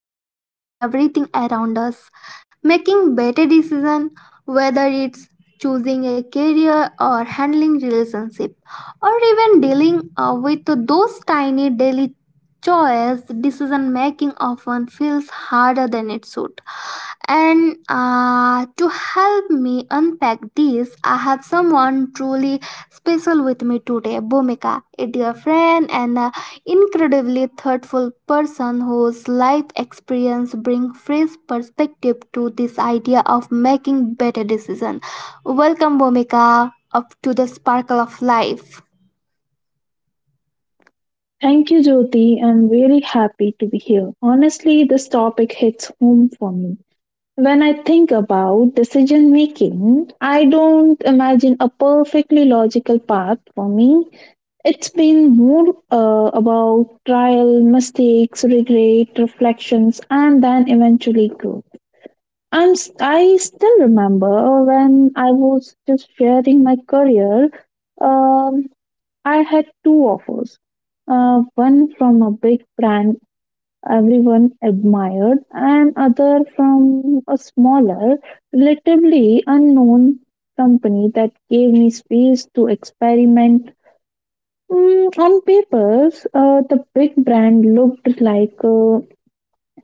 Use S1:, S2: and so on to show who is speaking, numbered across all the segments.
S1: Practically everything around us. Making better decisions, whether it's choosing a career or handling relationship or even dealing with those tiny daily choice decision making often feels harder than it should, and to help me unpack this, I have someone truly special with me today, Bhumika, a dear friend and an incredibly thoughtful person whose life experience brings fresh perspective to this idea of making better decisions. Welcome, Bhumika, up to the Sparkle of Life.
S2: Thank you, Jyoti. I'm really happy to be here. Honestly, this topic hits home for me. When I think about decision making, I don't imagine a perfectly logical path for me. It's been more about trial, mistakes, regret, reflections, and then eventually growth. I still remember when I was just sharing my career. Um, I had two offers, one from a big brand everyone admired, and other from a smaller, relatively unknown company that gave me space to experiment. On papers, the big brand looked like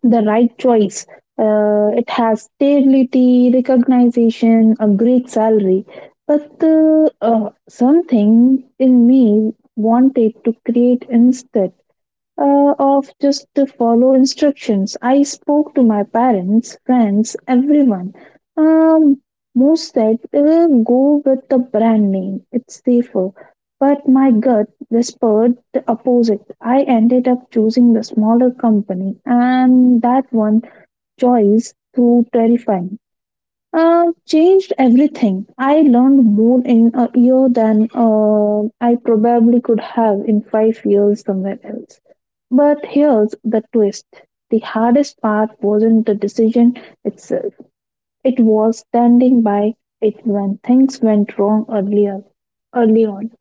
S2: the right choice. It has stability, recognition, a great salary. But something in me wanted to create instead of just to follow instructions. I spoke to my parents, friends, everyone. Um, most said go with the brand name, it's safer. But my gut whispered the opposite. I ended up choosing the smaller company, and that one choice proved terrifying. Changed everything. I learned more in a year than I probably could have in 5 years somewhere else. But here's the twist, the hardest part wasn't the decision itself, it was standing by it when things went wrong earlier. Early on.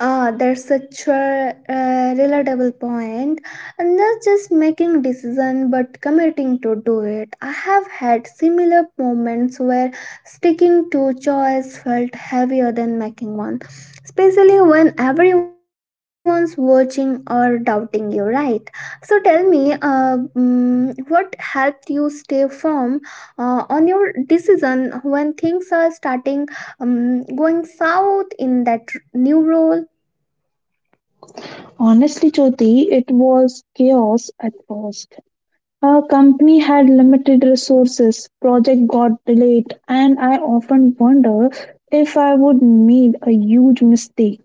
S1: That's such a relatable point. And not just making decision, but committing to do it. I have had similar moments where sticking to choice felt heavier than making one, especially when everyone's watching or doubting you. Right. So tell me, what helped you stay firm on your decision when things are starting, going south in that new role?
S2: Honestly, Jyoti, it was chaos at first. Our company had limited resources, project got delayed, and I often wonder if I would made a huge mistake.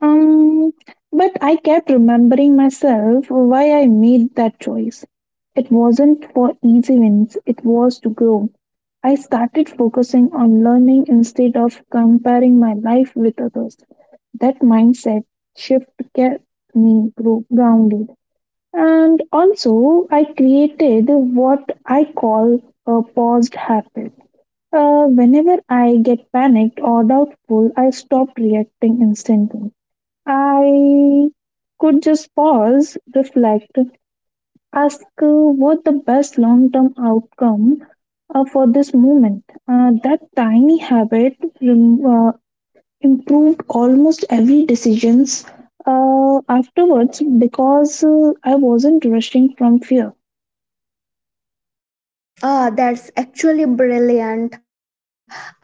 S2: Um, but I kept remembering myself why I made that choice. It wasn't for easy wins, it was to grow. I started focusing on learning instead of comparing my life with others. That mindset shift kept me grounded. And also, I created what I call a paused habit. Whenever I get panicked or doubtful, I stop reacting instantly. I could just pause, reflect, ask what the best long term outcome for this moment. That tiny habit rem- uh, improved almost every decisions afterwards because I wasn't rushing from fear.
S1: That's actually brilliant. I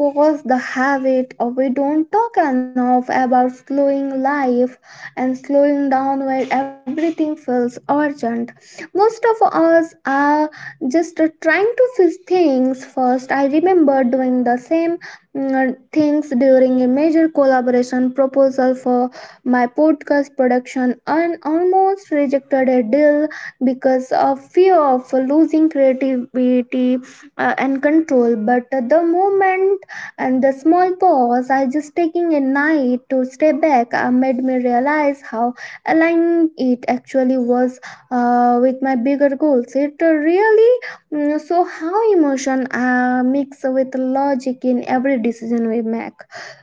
S1: pause the habit of we don't talk enough about slowing life and slowing down where everything feels urgent. Most of us are just trying to fix things first. I remember doing the same things during a major collaboration proposal for my podcast production, and almost rejected a deal because of fear of losing creativity and control. But the moment and the small pause, I just taking a night to stay back, made me realize how aligned it actually was with my bigger goals. It really, so how emotion mix with logic in every decision we make.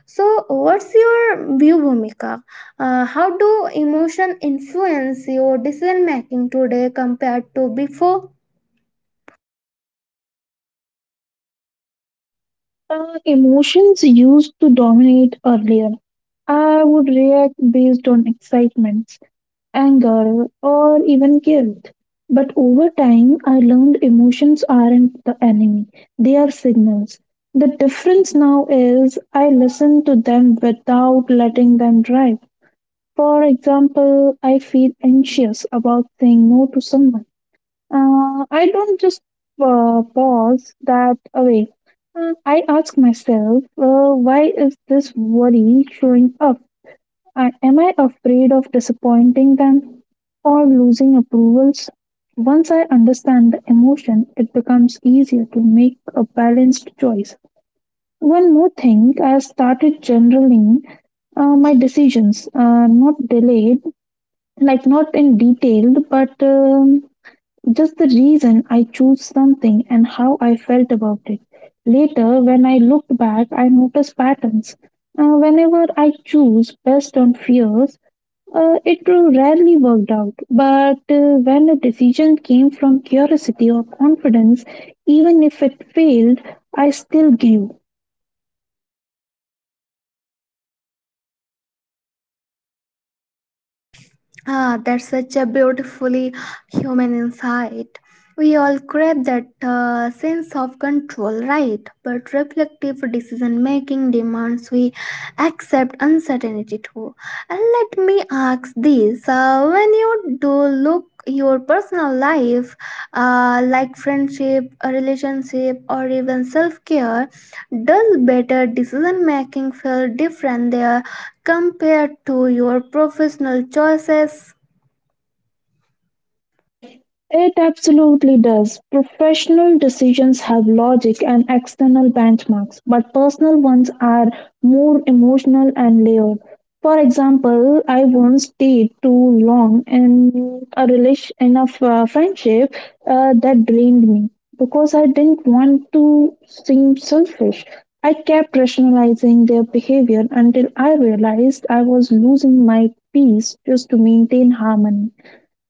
S1: So what's your view, Bhumika? How do emotion influence your decision making today compared to before?
S2: Emotions used to dominate earlier. I would react based on excitements, anger, or even guilt. But over time, I learned emotions aren't the enemy, they are signals. The difference now is I listen to them without letting them drive. For example, I feel anxious about saying no to someone. I don't just pause that away. I ask myself, why is this worry showing up? Am I afraid of disappointing them or losing approvals? Once I understand the emotion, it becomes easier to make a balanced choice. One more thing, I started generaling my decisions, not delayed, like not in detail, but, just the reason I chose something and how I felt about it. Later, when I looked back, I noticed patterns. Whenever I choose based on fears, it rarely worked out. But when a decision came from curiosity or confidence, even if it failed, I still grew.
S1: That's such a beautifully human insight. We all crave that sense of control, right? But reflective decision making demands we accept uncertainty too. And let me ask this, when you do look your personal life, like friendship, a relationship, or even self care, does better decision making feel different there compared to your professional choices?
S2: It absolutely does. Professional decisions have logic and external benchmarks, but personal ones are more emotional and layered. For example, I once stayed too long in a relation in a friendship that drained me because I didn't want to seem selfish. I kept rationalizing their behavior until I realized I was losing my peace just to maintain harmony.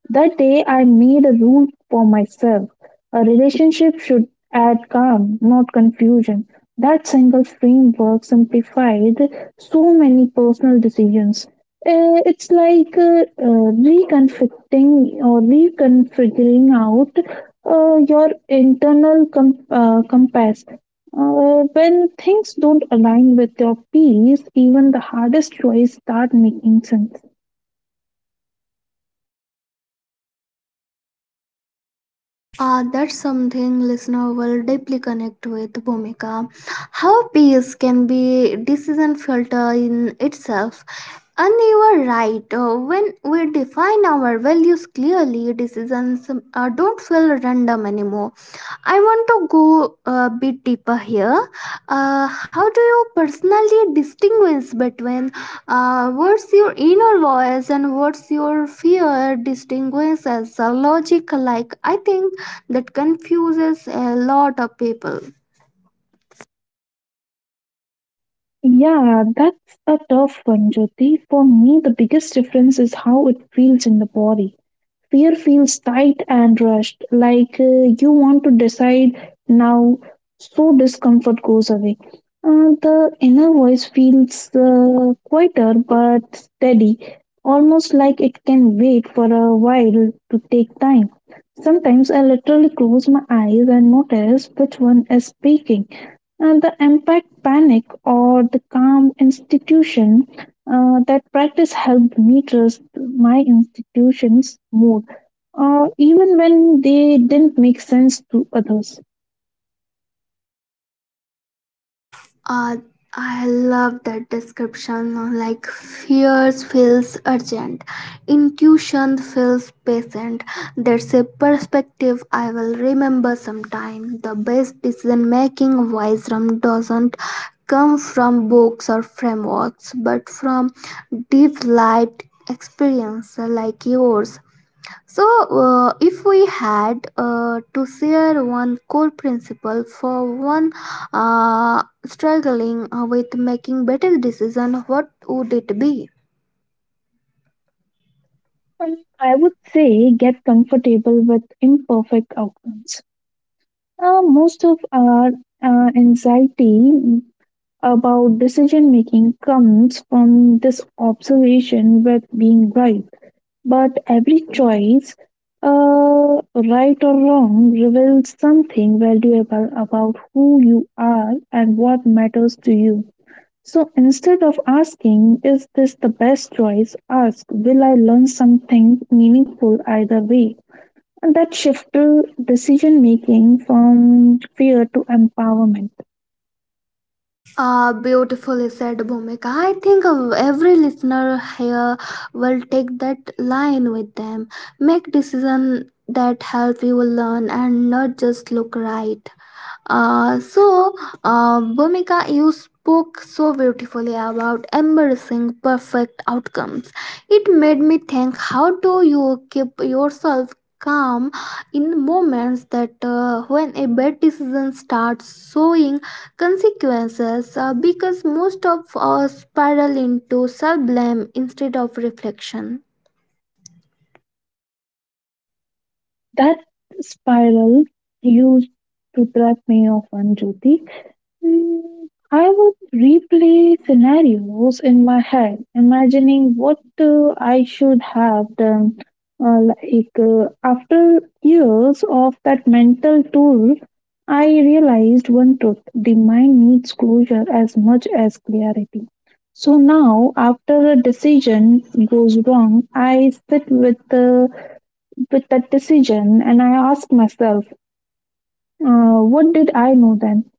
S2: That day I made a rule for myself. A relationship should add calm, not confusion. That single framework simplified so many personal decisions. It's like reconfiguring or reconfiguring out your internal compass. When things don't align with your peace, even the hardest choices start making sense.
S1: That's something listener will deeply connect with, Bhumika. How peace can be decision filter in itself. And you are right. When we define our values clearly, decisions don't feel random anymore. I want to go a bit deeper here. How do you personally distinguish between what's your inner voice and what's your fear? Distinguish as a logic, like I think that confuses a lot of people.
S2: Yeah, that's a tough one, Jyoti. For me, the biggest difference is how it feels in the body. Fear feels tight and rushed, like you want to decide now, so discomfort goes away. The inner voice feels quieter but steady, almost like it can wait for a while to take time. Sometimes I literally close my eyes and notice which one is speaking. And the impact panic or the calm institution that practice helped me trust my institutions more, even when they didn't make sense to others.
S1: Uh, I love that description. No, like fears feels urgent, intuition feels patient. That's a perspective I will remember sometime. The best decision making wisdom doesn't come from books or frameworks, but from deep lived experience like yours. So, if we had to share one core principle for one struggling with making better decision, what would it be?
S2: And I would say get comfortable with imperfect outcomes. Most of our anxiety about decision making comes from this observation with being right. But every choice, right or wrong, reveals something valuable about who you are and what matters to you. So instead of asking, is this the best choice? Ask, will I learn something meaningful either way? And that shifted decision making from fear to empowerment.
S1: Beautifully said, Bhumika. I think of every listener here will take that line with them. Make decision that help you learn and not just look right. Uh, so, Bhumika, you spoke so beautifully about embracing perfect outcomes. It made me think, how do you keep yourself calm in moments that when a bad decision starts showing consequences, because most of us spiral into self blame instead of reflection.
S2: That spiral used to trap me often, Jyoti. Mm, I would replay scenarios in my head, imagining what I should have done. Like after years of that mental tool, I realized one truth: the mind needs closure as much as clarity. So now, after a decision goes wrong, I sit uh, with that decision and I ask myself, what did I know then?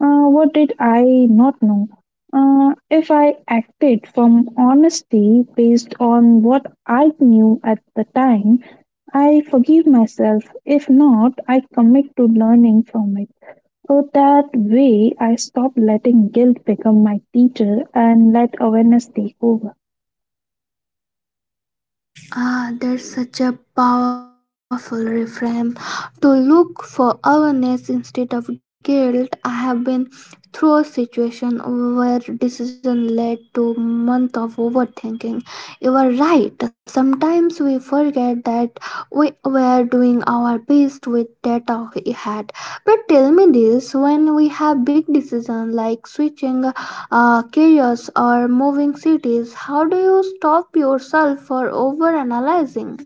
S2: What did I not know? If I acted from honesty based on what I knew at the time, I forgive myself. If not, I commit to learning from it. So that way, I stop letting guilt become my teacher and let awareness take over.
S1: That's such a powerful reframe to look for awareness instead of guilt. I have been through a situation where decision led to month of overthinking. You are right. Sometimes we forget that we were doing our best with data we had. But tell me this: when we have big decisions like switching careers or moving cities, how do you stop yourself for overanalyzing?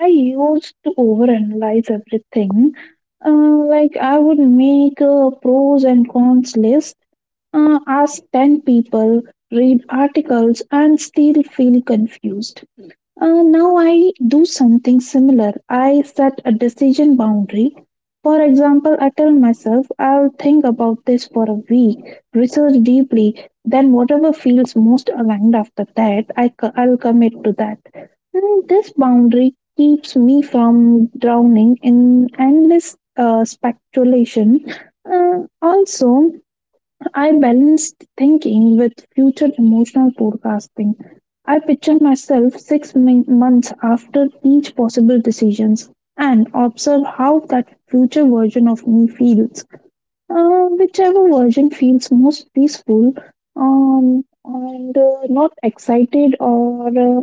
S2: I used to overanalyze everything. Uh, like, I would make a pros and cons list. Ask 10 people, read articles, and still feel confused. Now I do something similar. I set a decision boundary. For example, I tell myself I'll think about this for a week, research deeply, then whatever feels most aligned after that, I'll commit to that. This boundary keeps me from drowning in endless speculation. Also, I balanced thinking with future emotional forecasting. I pictured myself six months after each possible decisions and observe how that future version of me feels. Whichever version feels most peaceful and not excited or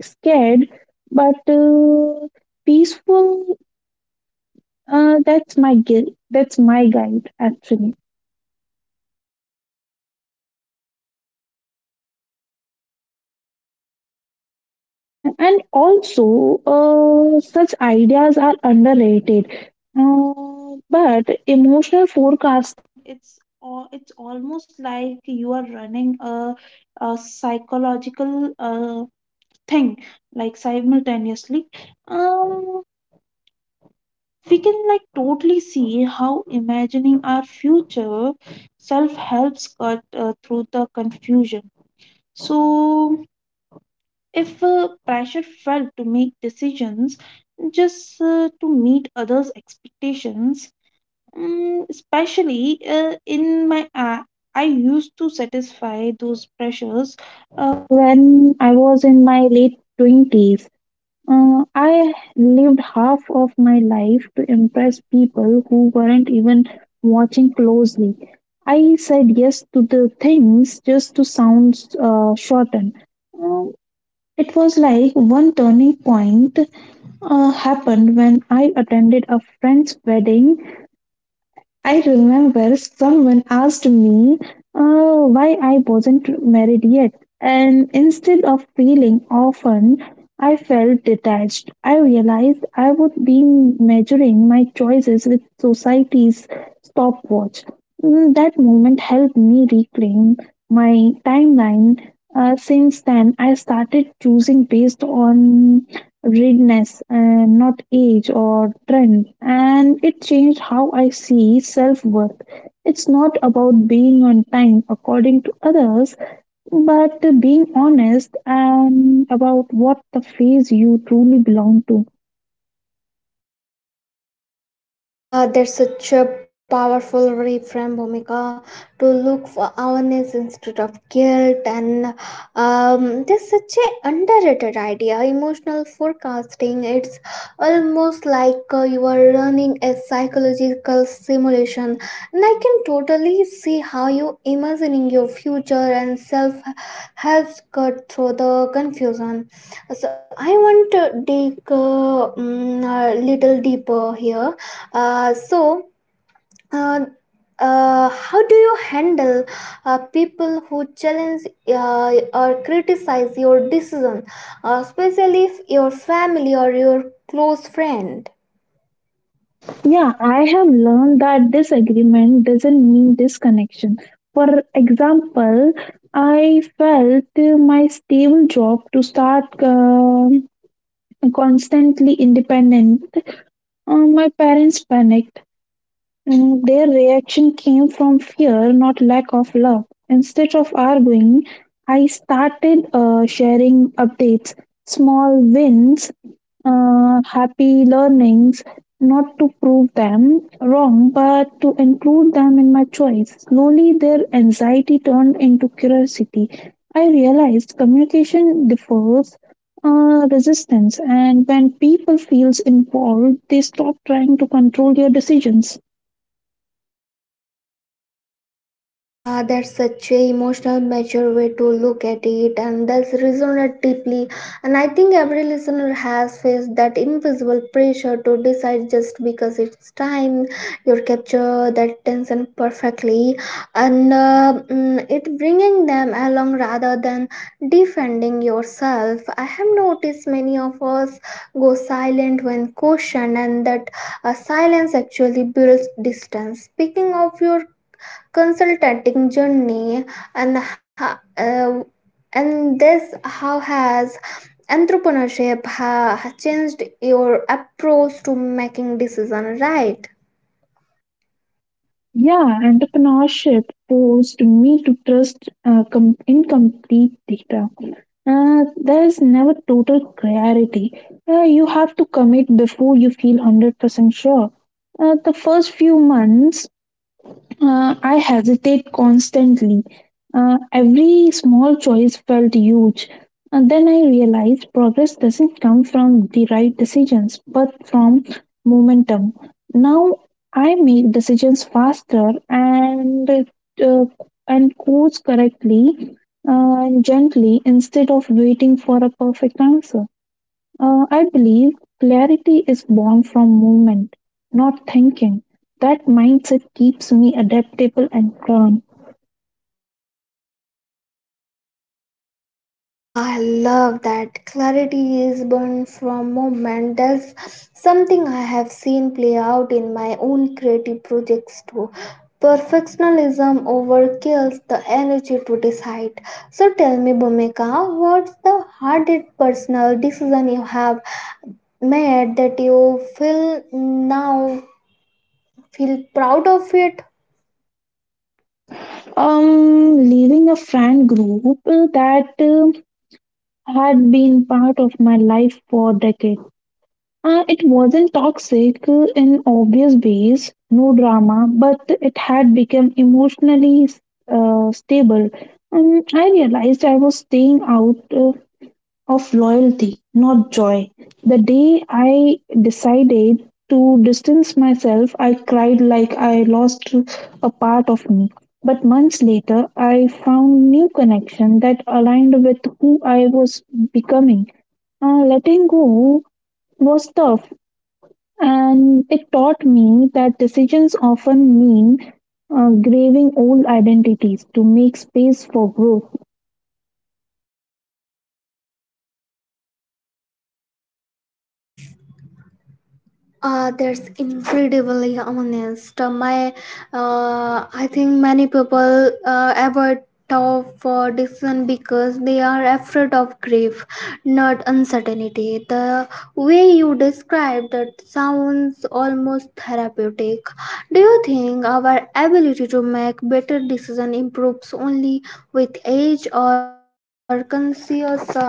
S2: scared, but peaceful. That's my guide actually. And also, such ideas are underrated. But emotional forecasting, it's it's almost like you are running a psychological uh, thing, like simultaneously. Um, we can like totally see how imagining our future self helps cut through the confusion. So if pressure felt to make decisions just to meet others' expectations, especially in my I used to satisfy those pressures uh, when I was in my late 20s. I lived half of my life to impress people who weren't even watching closely. I said yes to the things just to sound shortened. Uh, it was like one turning point happened when I attended a friend's wedding. I remember someone asked me why I wasn't married yet, and instead of feeling often, I felt detached. I realized I would be measuring my choices with society's stopwatch. That moment helped me reclaim my timeline. Since then, I started choosing based on readiness and not age or trend, and it changed how I see self worth. It's not about being on time according to others, but being honest and about what the phase you truly belong to.
S1: That's such a powerful reframe, Bhumika, to look for awareness instead of guilt. And that's such a underrated idea. Emotional forecasting, it's almost like you are running a psychological simulation. And I can totally see how you imagining your future and self helps cut through the confusion. So I want to dig a a little deeper here. uh, so, uh, how do you handle people who challenge or criticize your decision, especially if your family or your close friend?
S2: Yeah, I have learned that disagreement doesn't mean disconnection. For example, I felt my stable job to start constantly independent. My parents panicked. Their reaction came from fear, not lack of love. Instead of arguing, I started sharing updates, small wins, happy learnings, not to prove them wrong, but to include them in my choice. Slowly, their anxiety turned into curiosity. I realized communication differs. Resistance, and when people feels involved, they stop trying to control your decisions.
S1: That's such a emotional mature way to look at it, and that's resonated deeply. And I think every listener has faced that invisible pressure to decide just because it's time. You capture that tension perfectly, and it bringing them along rather than defending yourself. I have noticed many of us go silent when questioned, and that silence actually builds distance. Speaking of your consulting journey, and and this how has entrepreneurship has changed your approach to making decision, right?
S2: Yeah, entrepreneurship forced me to trust incomplete data. There is never total clarity. You have to commit before you feel 100% sure. The first few months I hesitate constantly. Every small choice felt huge. And then I realized progress doesn't come from the right decisions, but from momentum. Now I make decisions faster and course correctly uh, and gently instead of waiting for a perfect answer. I believe clarity is born from movement, not thinking. That mindset keeps me adaptable and calm.
S1: I love that clarity is born from moment. That's something I have seen play out in my own creative projects too. Perfectionism overkills the energy to decide. So tell me, Bhumika, what's the hardest personal decision you have mad that you feel now feel proud of it?
S2: Leaving a friend group that had been part of my life for decades. It wasn't toxic in obvious ways, no drama, but it had become emotionally stable. I realized I was staying out of loyalty, not joy. The day I decided to distance myself, I cried like I lost a part of me. But months later, I found new connection that aligned with who I was becoming. Letting go was tough, and it taught me that decisions often mean grieving old identities to make space for growth.
S1: That's incredibly honest. My I think many people avoid tough decision because they are afraid of grief, not uncertainty. The way you describe that sounds almost therapeutic. Do you think our ability to make better decision improves only with age or conscious effort?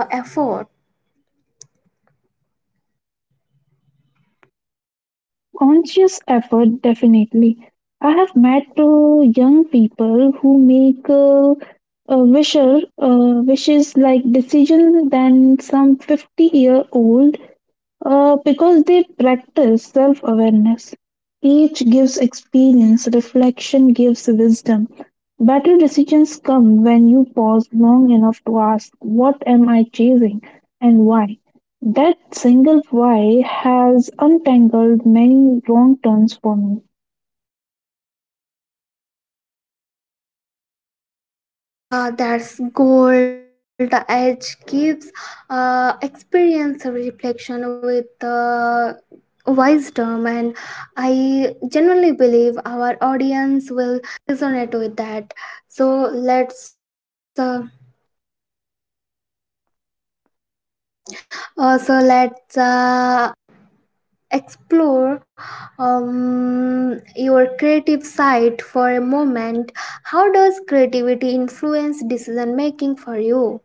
S2: Conscious effort, definitely. I have met young people who make wishes like decision than some 50-year-old because they practice self awareness. Each gives experience, reflection gives wisdom. Better decisions come when you pause long enough to ask, what am I chasing and why? That single why has untangled many wrong turns for me.
S1: That's gold. The edge gives experience a reflection with wisdom. And I generally believe creative side for a moment, how does creativity influence decision making for you?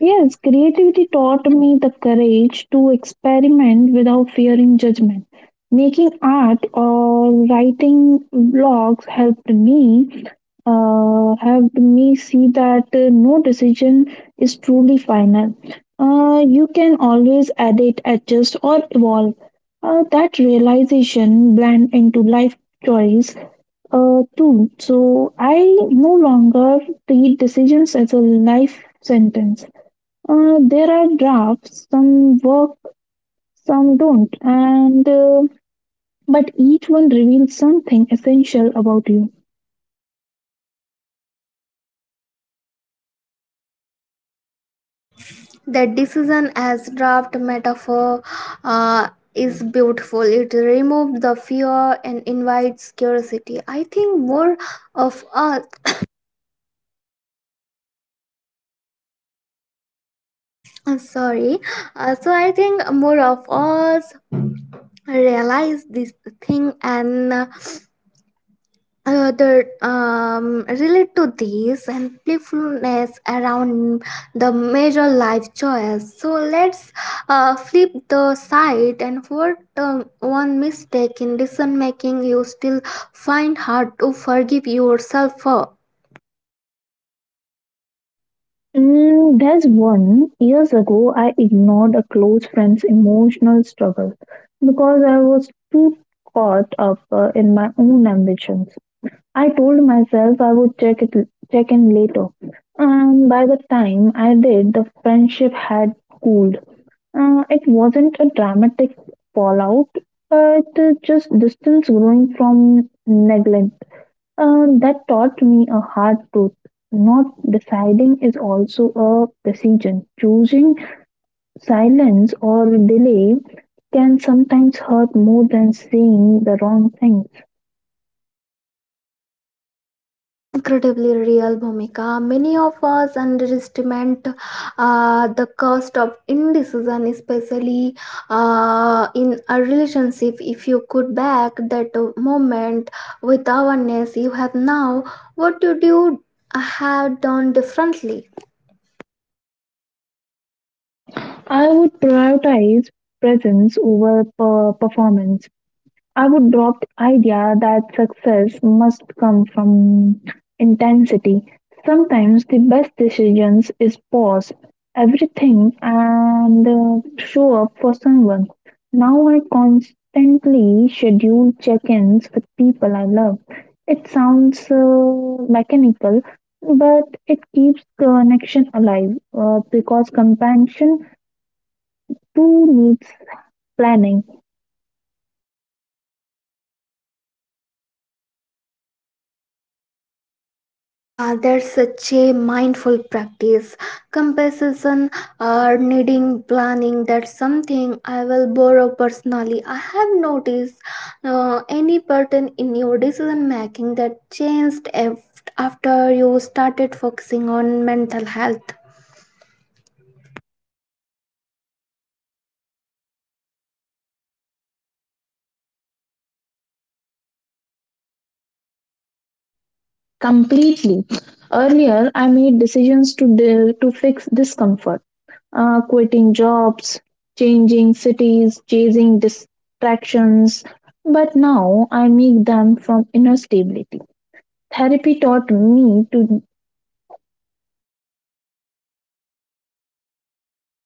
S2: Yes, creativity taught me the courage to experiment without fearing judgment. Making art or writing blogs helped me see that no decision is truly final. You can always edit, adjust, or evolve. That realization blend into life choice too. So I no longer treat decisions as a life sentence. There are drafts. Some work, some don't, and but each one reveals something essential about you.
S1: The decision as draft metaphor uh, is beautiful. It removes the fear and invites curiosity. I think more of us, I'm sorry, so I think more of us realize this thing, and that relate to these and playfulness around the major life choice. So let's flip the side, and what one mistake in decision making you still find hard to forgive yourself for.
S2: Mm, there's one. Years ago, I ignored a close friend's emotional struggle because I was too caught up in my own ambitions. I told myself I would check in later, and by the time I did, the friendship had cooled. It wasn't a dramatic fallout, but just distance growing from neglect. That taught me a hard truth. Not deciding is also a decision. Choosing silence or delay can sometimes hurt more than saying the wrong things.
S1: That's incredibly real, Bhumika. Many of us underestimate the cost of indecision, especially in a relationship. If you could back that moment with awareness you have now, what would you have done differently?
S2: I would prioritize presence over performance. I would drop the idea that success must come from intensity. Sometimes the best decisions is pause everything and show up for someone. Now I constantly schedule check-ins with people I love. It sounds mechanical, but it keeps connection alive because compassion too needs planning.
S1: That's such a mindful practice. Compassion or needing planning. That's something I will borrow personally. I have noticed any pattern in your decision making that changed after you started focusing on mental health.
S2: Completely, earlier I made decisions to to fix discomfort, quitting jobs, changing cities, chasing distractions, but now I make them from inner stability. Therapy taught me to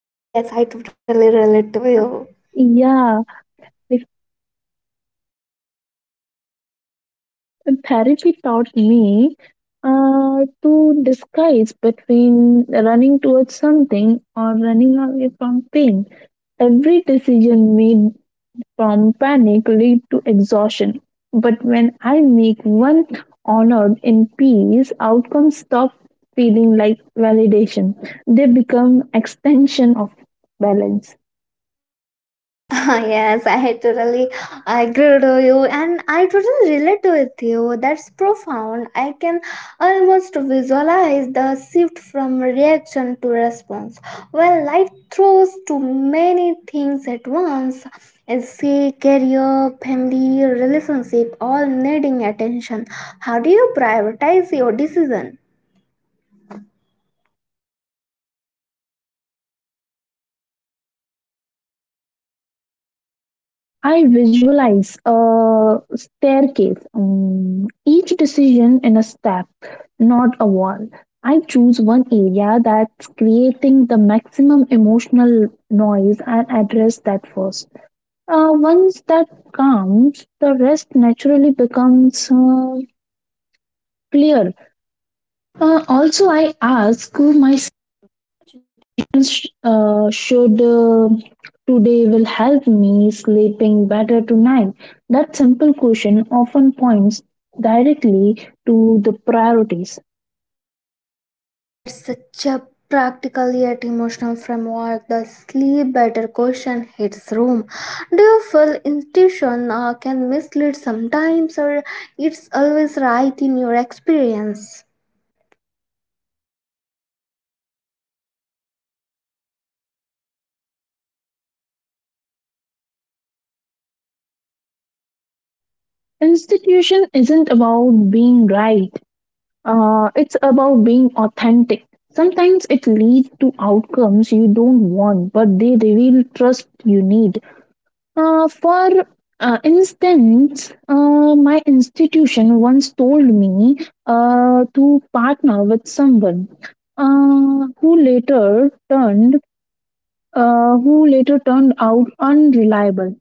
S1: Yes, I totally relate to
S2: uh,
S1: you.
S2: yeah, if- therapy taught me to disguise between running towards something or running away from pain. Every decision made from panic lead to exhaustion. But when I make one honored in peace, outcomes stop feeling like validation. They become extension of balance.
S1: Yes, I totally agree to you, and I totally relate with you. That's profound. I can almost visualize the shift from reaction to response. Well, life throws too many things at once. Say career, family, relationship, all needing attention. How do you prioritize your decision?
S2: I visualize a staircase, each decision in a step, not a wall. I choose one area that's creating the maximum emotional noise and address that first. Once that comes, the rest naturally becomes clear. Also, I ask my students, should today will help me sleeping better tonight. That simple question often points directly to the priorities.
S1: That's such a practical yet emotional framework. The sleep better question hits home. Do you feel intuition can mislead sometimes, or it's always right in your experience?
S2: Institution isn't about being right. It's about being authentic. Sometimes it leads to outcomes you don't want, but they reveal trust you need. For instance, my institution once told me to partner with someone uh, who later turned who later turned out unreliable.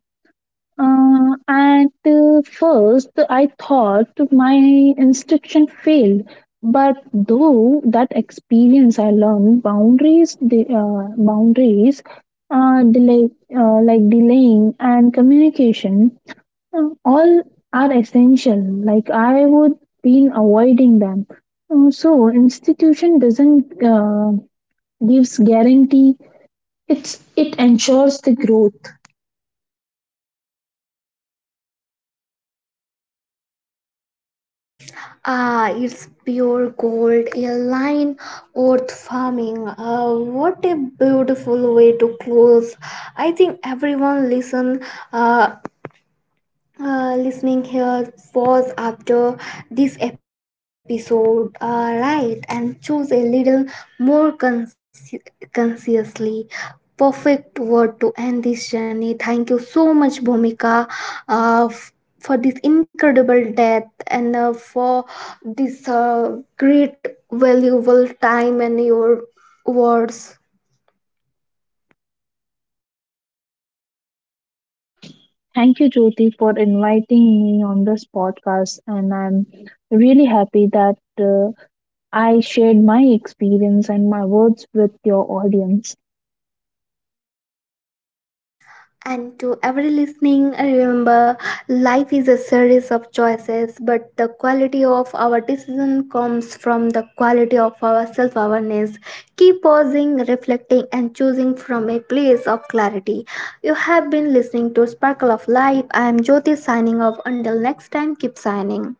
S2: At first, I thought my instruction failed, but though that experience, I learned boundaries, the boundaries, delay, like delaying and communication, all are essential. Like I would been avoiding them. So institution doesn't gives guarantee. It ensures the growth.
S1: It's pure gold, a line worth farming. What a beautiful way to close. I think everyone listen. Uh, Listening here pause after this episode, right, and choose a little more consciously. Perfect word to end this journey. Thank you so much, Bhumika, uh, f- for this incredible death, and for this great valuable time and your words.
S2: Thank you, Jyoti, for inviting me on this podcast. And I'm really happy that I shared my experience and my words with your audience.
S1: And to every listening, remember, life is a series of choices, but the quality of our decision comes from the quality of our self awareness. Keep pausing, reflecting, and choosing from a place of clarity. You have been listening to Sparkle of Life. I am Jyoti signing off. Until next time, keep shining.